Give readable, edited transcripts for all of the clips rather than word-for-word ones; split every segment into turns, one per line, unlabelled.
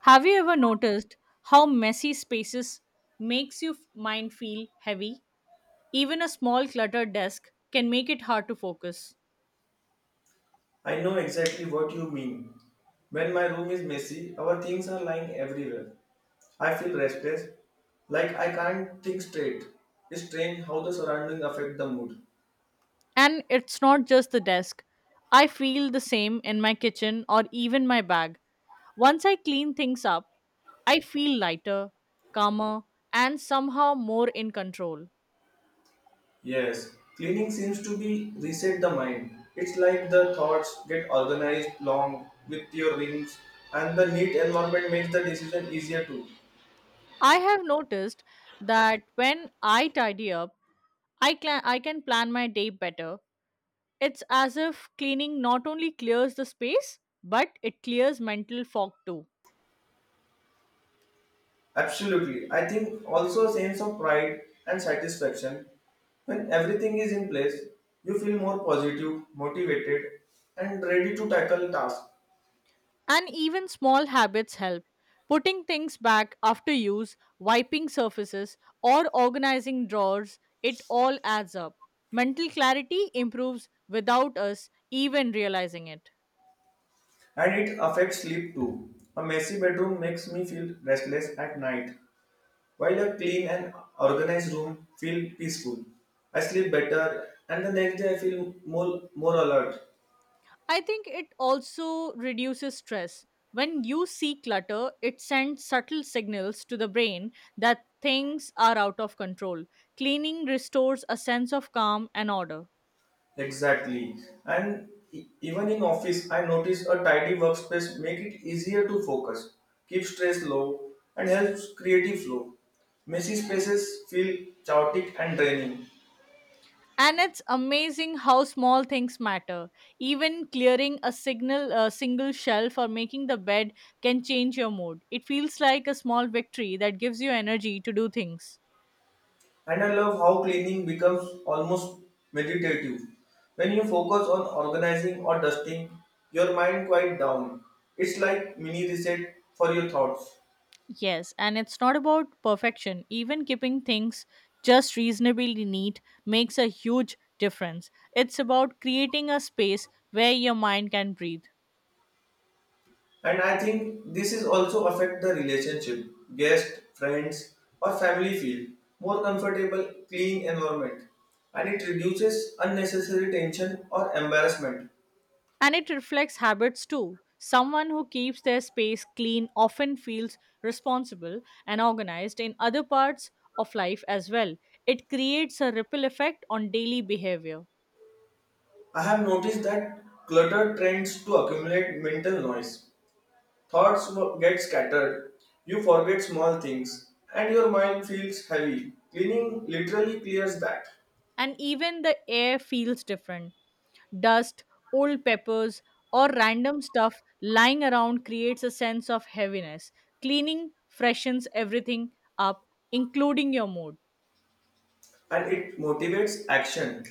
Have you ever noticed how messy spaces makes your mind feel heavy? Even a small cluttered desk can make it hard to focus.
I know exactly what you mean. When my room is messy, our things are lying everywhere. I feel restless, like I can't think straight. It's strange how the surroundings affect the mood.
And it's not just the desk. I feel the same in my kitchen or even my bag. Once I clean things up, I feel lighter, calmer, and somehow more in control.
Yes, cleaning seems to be reset the mind. It's like the thoughts get organized long with your rings, and the neat environment makes the decision easier too.
I have noticed that when I tidy up, I can plan my day better. It's as if cleaning not only clears the space, but it clears mental fog too.
Absolutely. I think also a sense of pride and satisfaction. When everything is in place, you feel more positive, motivated, and ready to tackle tasks.
And even small habits help. Putting things back after use, wiping surfaces, or organizing drawers, it all adds up. Mental clarity improves without us even realizing it.
And it affects sleep too. A messy bedroom makes me feel restless at night, while a clean and organized room feel peaceful. I sleep better, and the next day I feel more alert.
I think it also reduces stress. When you see clutter, it sends subtle signals to the brain that things are out of control. Cleaning restores a sense of calm and order.
Exactly. And even in office, I notice a tidy workspace make it easier to focus, keep stress low, and helps creative flow. Messy spaces feel chaotic and draining.
And it's amazing how small things matter. Even clearing a signal, a single shelf or making the bed can change your mood. It feels like a small victory that gives you energy to do things.
And I love how cleaning becomes almost meditative. When you focus on organizing or dusting, your mind quiet down. It's like mini reset for your thoughts.
Yes, and it's not about perfection. Even keeping things just reasonably neat makes a huge difference. It's about creating a space where your mind can breathe.
And I think this is also affect the relationship. Guest, friends, or family feel more comfortable, clean environment, and it reduces unnecessary tension or embarrassment.
And it reflects habits too. Someone who keeps their space clean often feels responsible and organized in other parts of life as well. It creates a ripple effect on daily behavior.
I have noticed that clutter trends to accumulate mental noise. Get scattered. You forget small things, and your mind feels heavy. Cleaning literally clears that.
And even the air feels different. Dust, old peppers, or random stuff lying around creates a sense of heaviness. Cleaning freshens everything up, including your mood.
And it motivates action.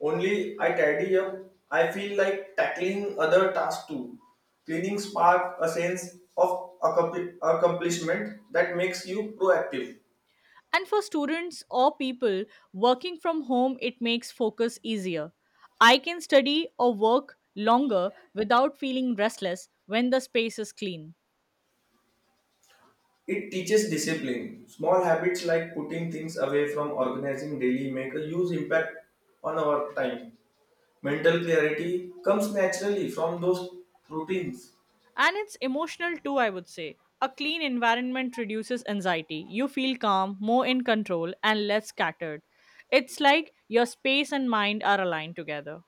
Only I tidy up, I feel like tackling other tasks too. Cleaning spark a sense of accomplishment that makes you proactive.
And for students or people working from home, it makes focus easier. I can study or work longer without feeling restless when the space is clean.
It teaches discipline. Small habits like putting things away from organizing daily make a huge impact on our time. Mental clarity comes naturally from those routines.
And it's emotional too, I would say. A clean environment reduces anxiety. You feel calm, more in control, and less scattered. It's like your space and mind are aligned together.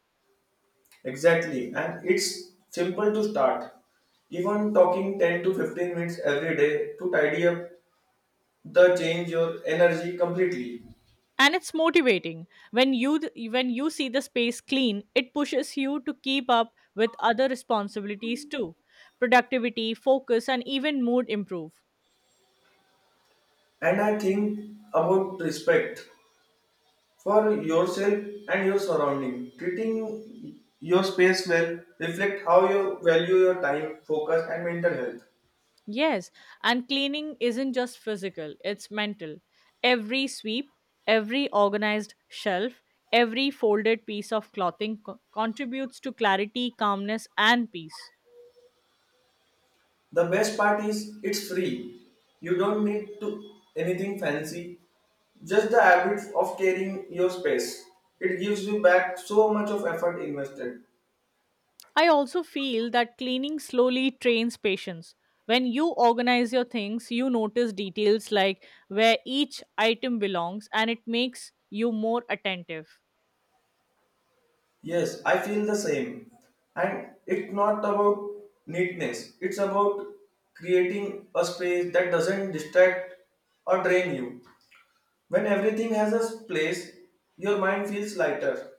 Exactly, and it's simple to start. Even talking 10 to 15 minutes every day to tidy up the change your energy completely.
And it's motivating. When you see the space clean, it pushes you to keep up with other responsibilities too. Productivity, focus, and even mood improve.
And I think about respect for yourself and your surrounding. Treating your space well reflect how you value your time, focus and mental health.
Yes, and cleaning isn't just physical, it's mental. Every sweep, every organized shelf, every folded piece of clothing contributes to clarity, calmness, and peace.
The best part is it's free. You don't need to anything fancy. Just the habit of caring your space. It gives you back so much of effort invested.
I also feel that cleaning slowly trains patience. When you organize your things, you notice details like where each item belongs, and it makes you more attentive.
Yes, I feel the same. And it's not about neatness. It's about creating a space that doesn't distract or drain you. When everything has a place, your mind feels lighter.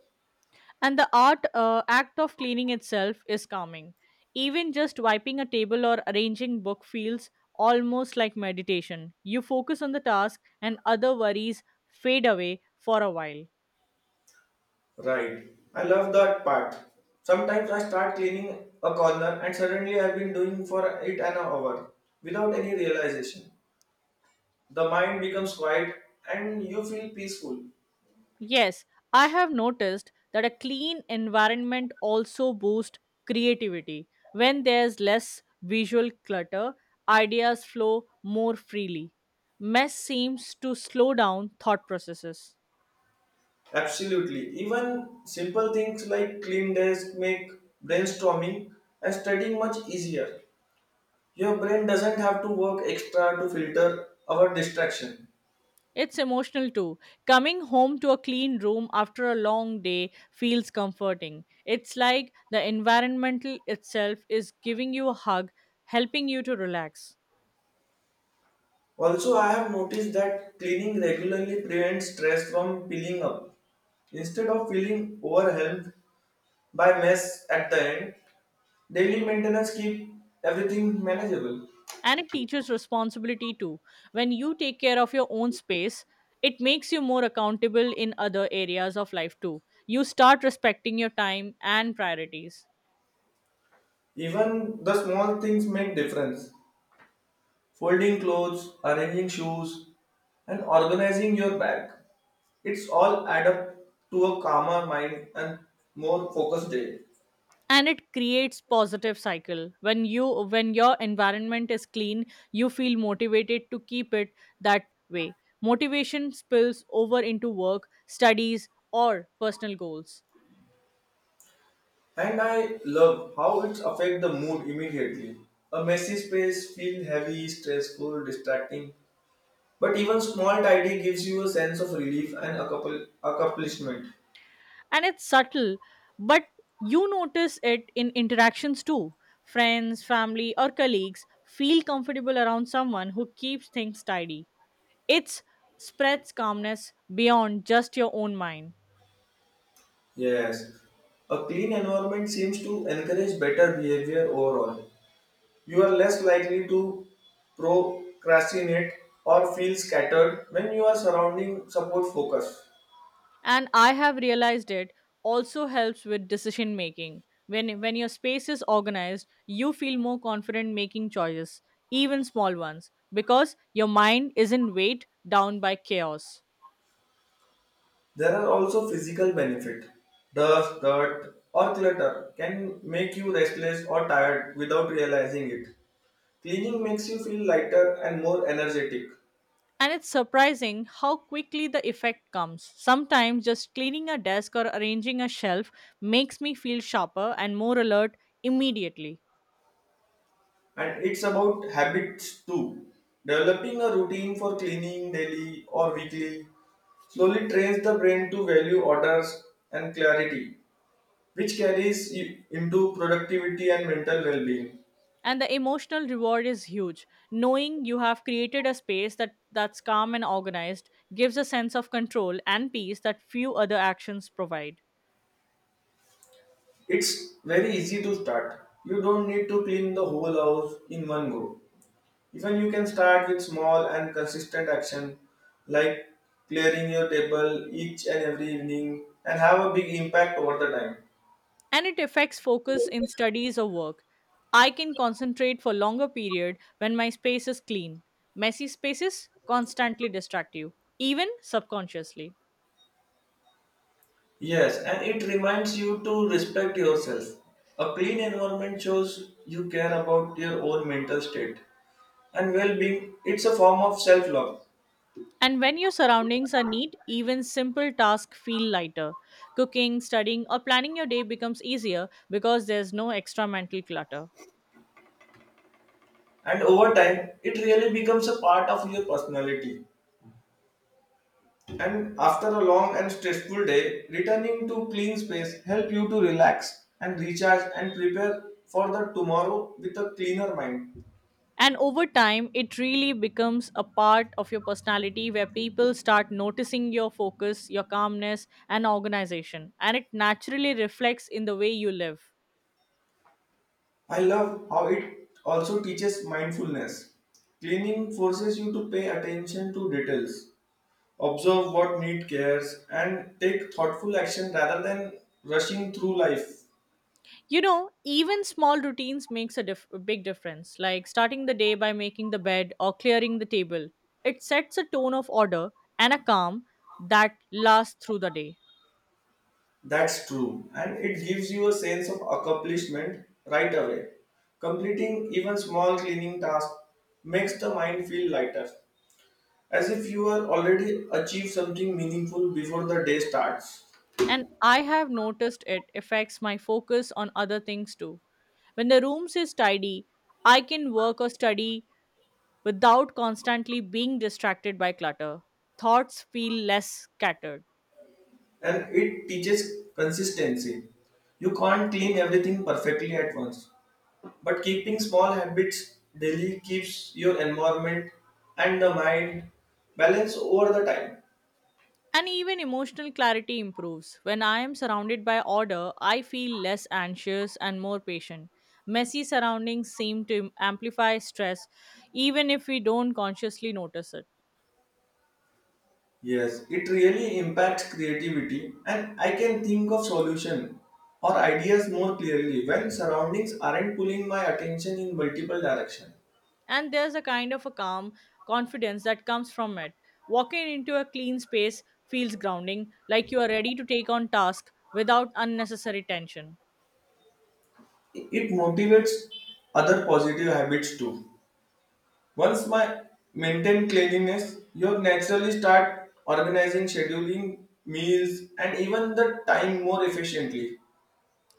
And the art act of cleaning itself is calming. Even just wiping a table or arranging book feels almost like meditation. You focus on the task and other worries fade away for a while.
Right. I love that part. Sometimes I start cleaning a corner and suddenly I've been doing for it an hour without any realization. The mind becomes quiet and you feel peaceful.
Yes, I have noticed that a clean environment also boosts creativity. When there's less visual clutter, ideas flow more freely. Mess seems to slow down thought processes.
Absolutely. Even simple things like clean desk make brainstorming and studying much easier. Your brain doesn't have to work extra to filter our distraction.
It's emotional too. Coming home to a clean room after a long day feels comforting. It's like the environmental itself is giving you a hug, helping you to relax.
Also, I have noticed that cleaning regularly prevents stress from piling up. Instead of feeling overwhelmed by mess at the end, daily maintenance keeps everything manageable.
And it teaches responsibility too. When you take care of your own space, it makes you more accountable in other areas of life too. You start respecting your time and priorities.
Even the small things make difference. Folding clothes, arranging shoes, and organizing your bag. It's all add up to a calmer mind and more focused day.
And it creates positive cycle when your environment is clean, you feel motivated to keep it that way. Motivation spills over into work studies or personal goals.
And I love how it affects the mood immediately. A messy space feels heavy, stressful, distracting. But even small tidy gives you a sense of relief and accomplishment.
And it's subtle, but you notice it in interactions too. Friends, family, or colleagues feel comfortable around someone who keeps things tidy. It spreads calmness beyond just your own mind.
Yes. A clean environment seems to encourage better behavior overall. You are less likely to procrastinate or feel scattered when you are surrounding support focus.
And I have realized it also helps with decision making. When your space is organized, you feel more confident making choices, even small ones, because your mind isn't weighed down by chaos.
There are also physical benefits. Dust, dirt, or clutter can make you restless or tired without realizing it. Cleaning makes you feel lighter and more energetic,
And it's surprising how quickly the effect comes. Sometimes just cleaning a desk or arranging a shelf makes me feel sharper and more alert immediately.
and it's about habits too. Developing a routine for cleaning daily or weekly slowly trains the brain to value orders and clarity, which carries you into productivity and mental well-being.
And the emotional reward is huge. Knowing you have created a space that's calm and organized gives a sense of control and peace that few other actions provide.
It's very easy to start. You don't need to clean the whole house in one go. Even you can start with small and consistent action like clearing your table each and every evening and have a big impact over the time.
And it affects focus in studies or work. I can concentrate for longer period when my space is clean. Messy spaces constantly distract you, even subconsciously.
Yes, and it reminds you to respect yourself. A clean environment shows you care about your own mental state and well being. It's a form of self love,
And when your surroundings are neat, even simple tasks feel lighter. Cooking, studying, or planning your day becomes easier because there's no extra mental clutter.
and over time, it really becomes a part of your personality. And after a long and stressful day, returning to clean space help you to relax and recharge and prepare for the tomorrow with a cleaner mind.
And over time, it really becomes a part of your personality where people start noticing your focus, your calmness, and organization. And it naturally reflects in the way you live.
I love how it also teaches mindfulness. Cleaning forces you to pay attention to details, observe what need cares and take thoughtful action rather than rushing through life.
Even small routines makes a big difference, like starting the day by making the bed or clearing the table. It sets a tone of order and a calm that lasts through the day.
That's true, and it gives you a sense of accomplishment right away. Completing even small cleaning tasks makes the mind feel lighter, as if you are already achieved something meaningful before the day starts.
And I have noticed it affects my focus on other things too. When the room is tidy, I can work or study without constantly being distracted by clutter. Thoughts feel less scattered.
And it teaches consistency. You can't clean everything perfectly at once, but keeping small habits daily keeps your environment and the mind balanced over the time.
And even emotional clarity improves. When I am surrounded by order, I feel less anxious and more patient. Messy surroundings seem to amplify stress, even if we don't consciously notice it.
Yes, it really impacts creativity, and I can think of solution or ideas more clearly when surroundings aren't pulling my attention in multiple directions.
And there's a kind of a calm confidence that comes from it. Walking into a clean space feels grounding, like you are ready to take on task without unnecessary tension.
It motivates other positive habits too. Once my maintain cleanliness, you naturally start organizing, scheduling meals, and even the time more efficiently.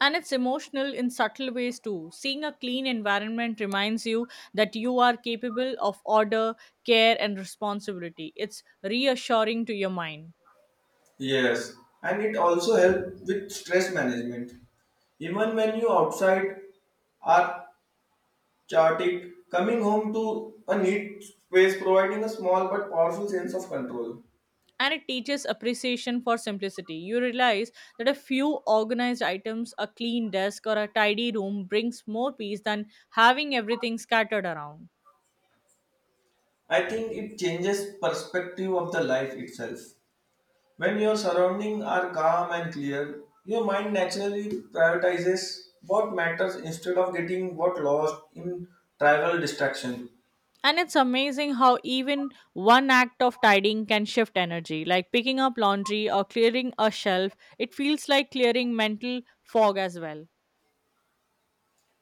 And it's emotional in subtle ways too. Seeing a clean environment reminds you that you are capable of order, care and responsibility. It's reassuring to your mind.
Yes, and it also helps with stress management even when you outside are Chartik, coming home to a neat space providing a small but powerful sense of control.
And it teaches appreciation for simplicity. You realize that a few organized items, a clean desk, or a tidy room brings more peace than having everything scattered around.
I think it changes perspective of the life itself. When your surroundings are calm and clear, your mind naturally prioritizes what matters instead of getting what lost in trivial distraction.
And it's amazing how even one act of tidying can shift energy, like picking up laundry or clearing a shelf. It feels like clearing mental fog as well.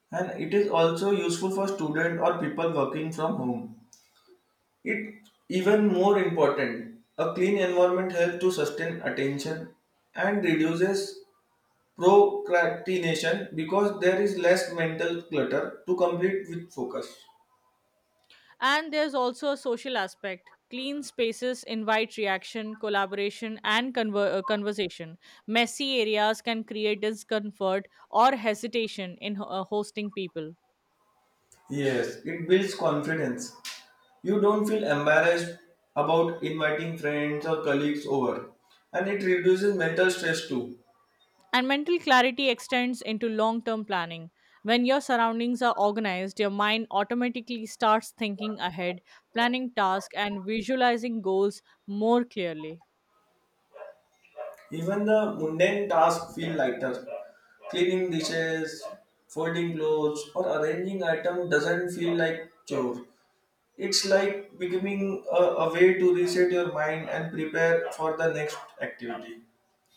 And it is also useful for students or people working from home. It even more important. A clean environment helps to sustain attention and reduces procrastination because there is less mental clutter to complete with focus.
And there's also a social aspect. Clean spaces invite reaction, collaboration, and conversation. Messy areas can create discomfort or hesitation in hosting people.
Yes, it builds confidence. You don't feel embarrassed about inviting friends or colleagues over, and it reduces mental stress too.
And mental clarity extends into long term planning. When your surroundings are organized, your mind automatically starts thinking ahead, planning tasks, and visualizing goals more clearly.
Even the mundane tasks feel lighter. Cleaning dishes, folding clothes, or arranging items doesn't feel like chore. It's like becoming a way to reset your mind and prepare for the next activity.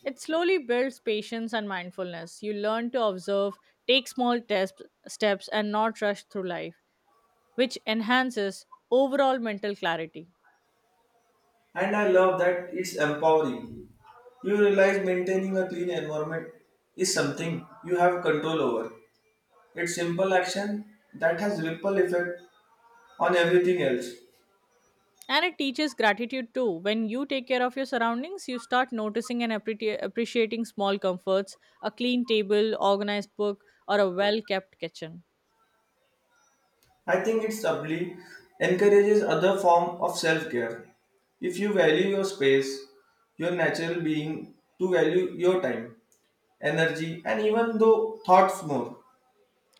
It slowly builds patience and mindfulness. You learn to observe, take small steps, and not rush through life, which enhances overall mental clarity.
And I love that it's empowering. You realize maintaining a clean environment is something you have control over. It's simple action that has ripple effect on everything else.
And it teaches gratitude too. When you take care of your surroundings, you start noticing and appreciating small comforts, a clean table, organized book, or a well kept kitchen.
I think it subtly encourages other form of self-care. If you value your space, your natural being to value your time, energy and even though thoughts more.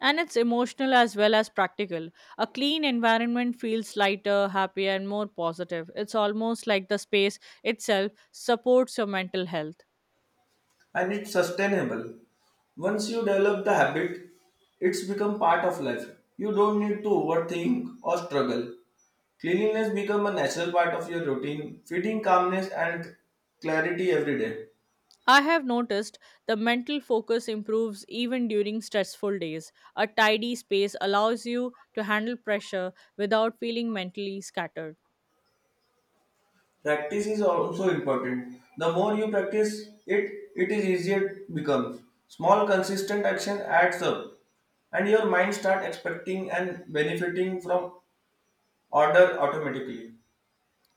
And it's emotional as well as practical. A clean environment feels lighter, happier, and more positive. It's almost like the space itself supports your mental health.
And it's sustainable. Once you develop the habit, it's become part of life. You don't need to overthink or struggle. Cleanliness become a natural part of your routine, feeding calmness and clarity every day.
I have noticed the mental focus improves even during stressful days. A tidy space allows you to handle pressure without feeling mentally scattered.
Practice is also important. The more you practice it, it is easier it becomes. Small consistent action adds up and your mind start expecting and benefiting from order automatically.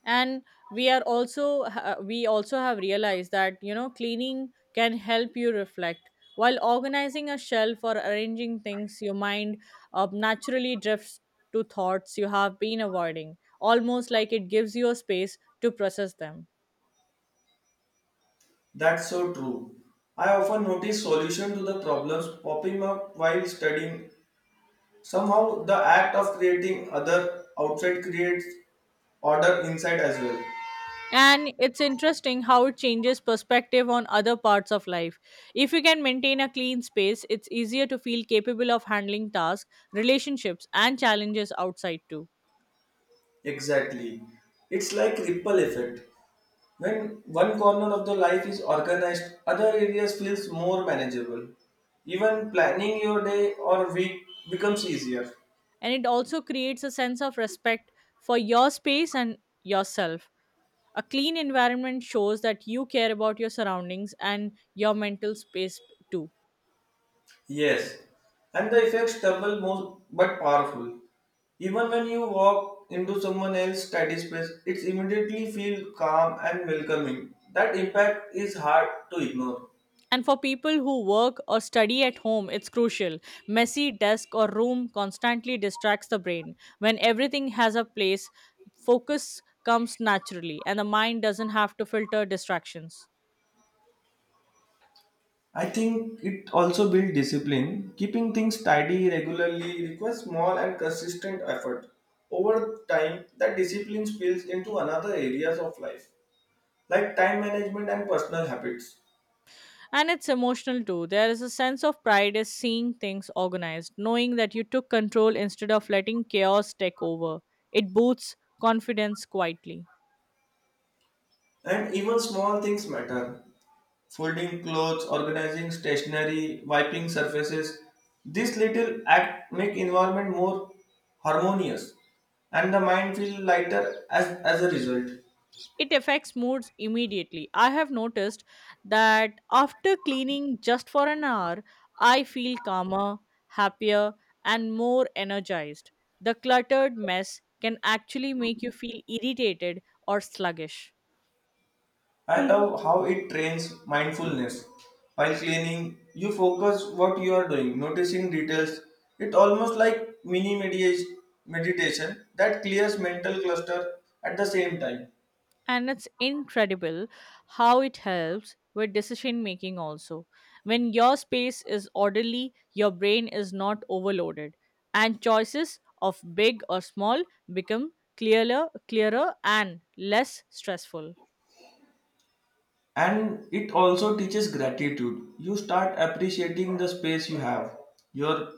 And we also have realized that cleaning can help you reflect. While organizing a shelf or arranging things, your mind naturally drifts to thoughts you have been avoiding, almost like it gives you a space to process them.
That's so true. I often notice solution to the problems popping up while studying. Somehow the act of creating other outside creates order inside as well.
And it's interesting how it changes perspective on other parts of life. If you can maintain a clean space, it's easier to feel capable of handling tasks, relationships and challenges outside too.
Exactly. It's like ripple effect. When one corner of the life is organized, other areas feels more manageable. Even planning your day or week becomes easier.
And it also creates a sense of respect for your space and yourself. A clean environment shows that you care about your surroundings and your mental space too.
Yes, and the effects double more but powerful. Even when you walk into someone else's tidy space, it immediately feel calm and welcoming. That impact is hard to ignore.
And for people who work or study at home, it's crucial. Messy desk or room constantly distracts the brain. When everything has a place, focus comes naturally and the mind doesn't have to filter distractions.
I think it also builds discipline. Keeping things tidy regularly requires small and consistent effort. Over time, that discipline spills into another areas of life, like time management and personal habits.
And it's emotional too. There is a sense of pride in seeing things organized, knowing that you took control instead of letting chaos take over. It boosts confidence quietly.
And even small things matter. Folding clothes, organizing stationery, wiping surfaces. This little act make environment more harmonious and the mind feel lighter as a result.
It affects moods immediately. I have noticed that after cleaning just for an hour, I feel calmer, happier, and more energized. The cluttered mess can actually make you feel irritated or sluggish.
I love how it trains mindfulness. While cleaning, you focus what you are doing, noticing details. It almost like mini meditation that clears mental cluster at the same time.
And it's incredible how it helps with decision making also. When your space is orderly, your brain is not overloaded and choices of big or small become clearer and less stressful.
And it also teaches gratitude. You start appreciating the space you have, your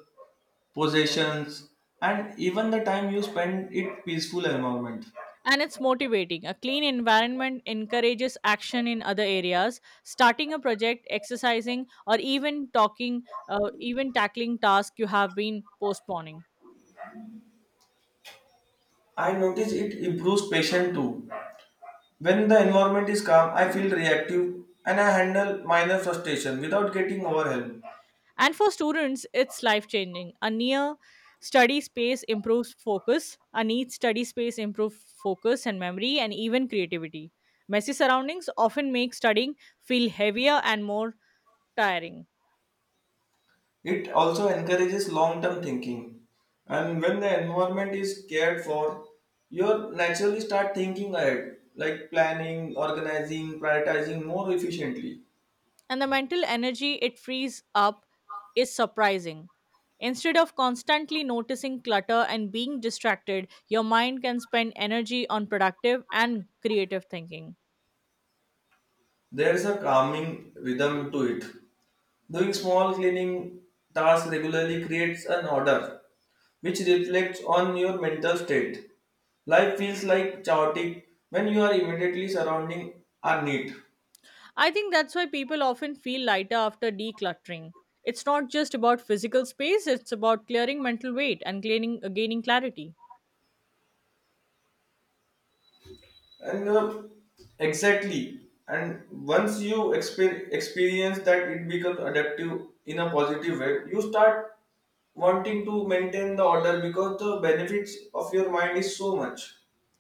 possessions, and even the time you spend in peaceful environment.
And it's motivating. A clean environment encourages action in other areas, starting a project, exercising, or even tackling tasks you have been postponing.
I notice it improves patience too. When the environment is calm, I feel reactive and I handle minor frustration without getting overwhelmed.
And for students, it's life changing. A neat study space improves focus and memory and even creativity. Messy surroundings often make studying feel heavier and more tiring.
It also encourages long term thinking. And when the environment is cared for, you naturally start thinking ahead, like planning, organizing, prioritizing more efficiently.
And the mental energy it frees up is surprising. Instead of constantly noticing clutter and being distracted, your mind can spend energy on productive and creative thinking.
There is a calming rhythm to it. Doing small cleaning tasks regularly creates an order, which reflects on your mental state. Life feels like chaotic when you are immediately surrounding are neat.
I think that's why people often feel lighter after decluttering. It's not just about physical space, it's about clearing mental weight and gaining clarity.
And exactly and once you experience that, it becomes adaptive in a positive way. You start wanting to maintain the order because the benefits of your mind is so much.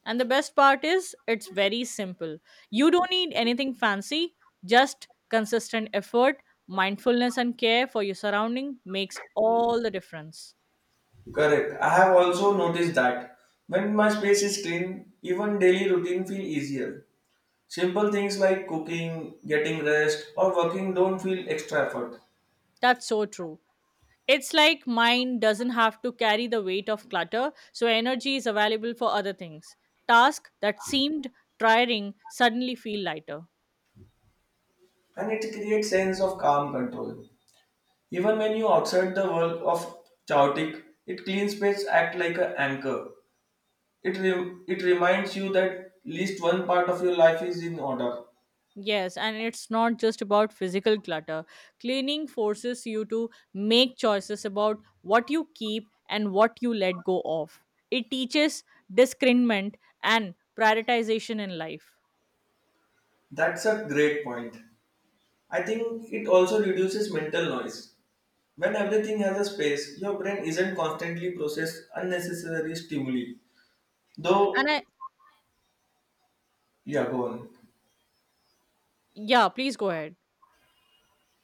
And the best part is, it's very simple. You don't need anything fancy, just consistent effort, mindfulness, and care for your surrounding makes all the difference.
Correct, I have also noticed that when my space is clean, even daily routine feel easier. Simple things like cooking, getting rest, or working don't feel extra effort.
That's so true. It's like mind doesn't have to carry the weight of clutter, so energy is available for other things. Tasks that seemed tiring suddenly feel lighter.
And it creates sense of calm control. Even when you outside the world of chaotic, it clean space act like an anchor. It reminds you that at least one part of your life is in order.
Yes, and it's not just about physical clutter. Cleaning forces you to make choices about what you keep and what you let go of. It teaches discernment and prioritization in life.
That's a great point. I think it also reduces mental noise. When everything has a space, your brain isn't constantly process unnecessary stimuli.
And
Though,
I,
yeah, go on.
yeah, please go ahead.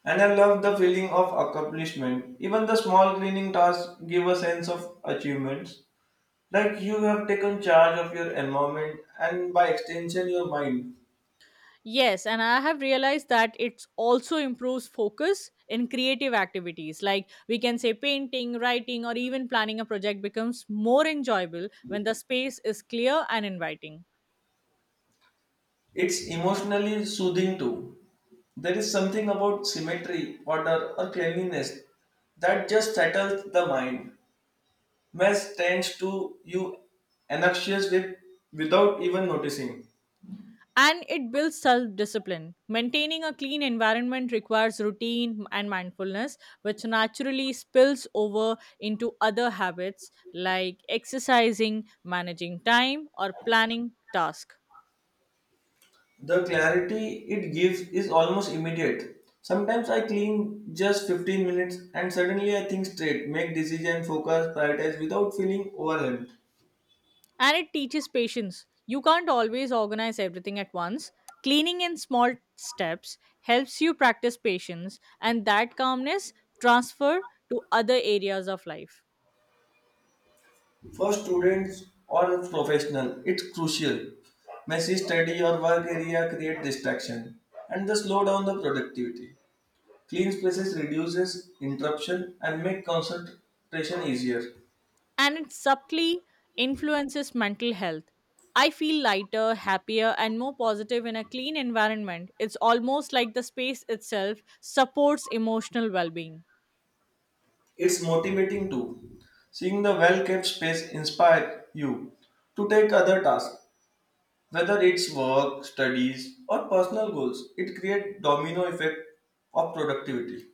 And I love the feeling of accomplishment. Even the small cleaning tasks give a sense of achievements, like you have taken charge of your environment and by extension your mind.
Yes, and I have realized that it also improves focus in creative activities. Like we can say painting, writing, or even planning a project becomes more enjoyable when the space is clear and inviting.
It's emotionally soothing too. There is something about symmetry, order, or cleanliness that just settles the mind. Mess tends to you anxious with without even noticing.
And it builds self discipline. Maintaining a clean environment requires routine and mindfulness, which naturally spills over into other habits like exercising, managing time, or planning tasks.
The clarity it gives is almost immediate. Sometimes I clean just 15 minutes and suddenly I think straight, make decision, focus, prioritize without feeling overwhelmed.
And it teaches patience. You can't always organize everything at once. Cleaning in small steps helps you practice patience, and that calmness transfer to other areas of life.
For students or professional, it's crucial. Messy study or work area create distraction and thus slow down the productivity. Clean spaces reduces interruption and make concentration easier.
And it subtly influences mental health. I feel lighter, happier, and more positive in a clean environment. It's almost like the space itself supports emotional well being.
It's motivating too. Seeing the well-kept space inspire you to take other tasks, whether it's work, studies, or personal goals. It creates domino effect of productivity.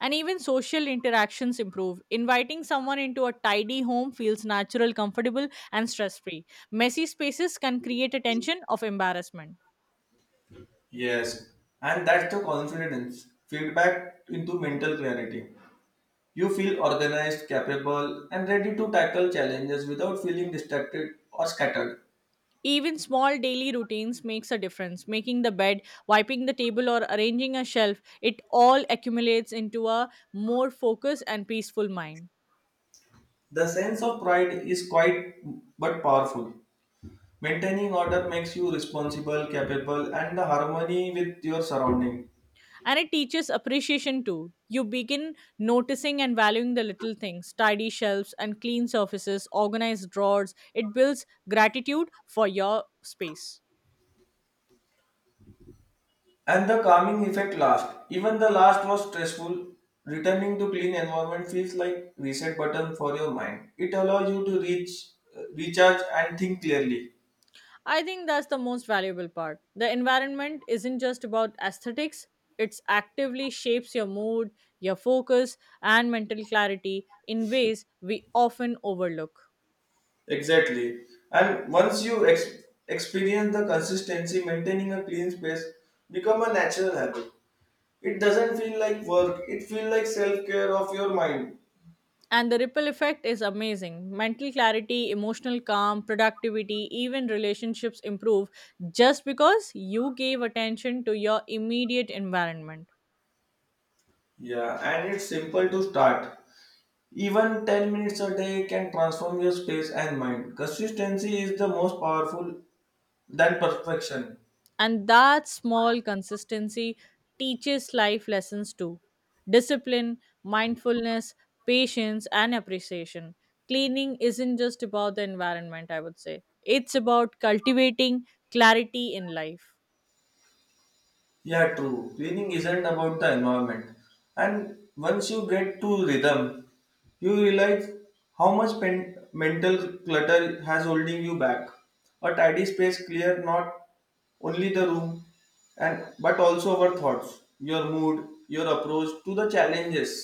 And even social interactions improve. Inviting someone into a tidy home feels natural, comfortable, and stress free. Messy spaces can create a tension of embarrassment.
Yes, and that's the confidence feedback into mental clarity. You feel organized, capable, and ready to tackle challenges without feeling distracted or scattered.
Even small daily routines makes a difference. Making the bed, wiping the table or arranging a shelf, it all accumulates into a more focused and peaceful mind.
The sense of pride is quite but powerful. Maintaining order makes you responsible, capable, and the harmony with your surrounding.
And it teaches appreciation too. You begin noticing and valuing the little things, tidy shelves and clean surfaces, organized drawers. It builds gratitude for your space.
And the calming effect last. Even the last was stressful. Returning to clean environment feels like reset button for your mind. It allows you to recharge, and think clearly.
I think that's the most valuable part. The environment isn't just about aesthetics, it actively shapes your mood, your focus, and mental clarity in ways we often overlook.
Exactly. And once you experience the consistency, maintaining a clean space become a natural habit. It doesn't feel like work. It feels like self care of your mind.
And the ripple effect is amazing. Mental clarity, emotional calm, productivity, even relationships improve just because you gave attention to your immediate environment.
Yeah, and it's simple to start. Even 10 minutes a day can transform your space and mind. Consistency is the most powerful than perfection.
And that small consistency teaches life lessons too, discipline, mindfulness, patience, and appreciation. Cleaning isn't just about the environment, I would say, it's about cultivating clarity in life.
Yeah, true. Cleaning isn't about the environment. And once you get to rhythm, you realize how much mental clutter has holding you back. A tidy space clear not only the room and but also our thoughts, your mood, your approach to the challenges.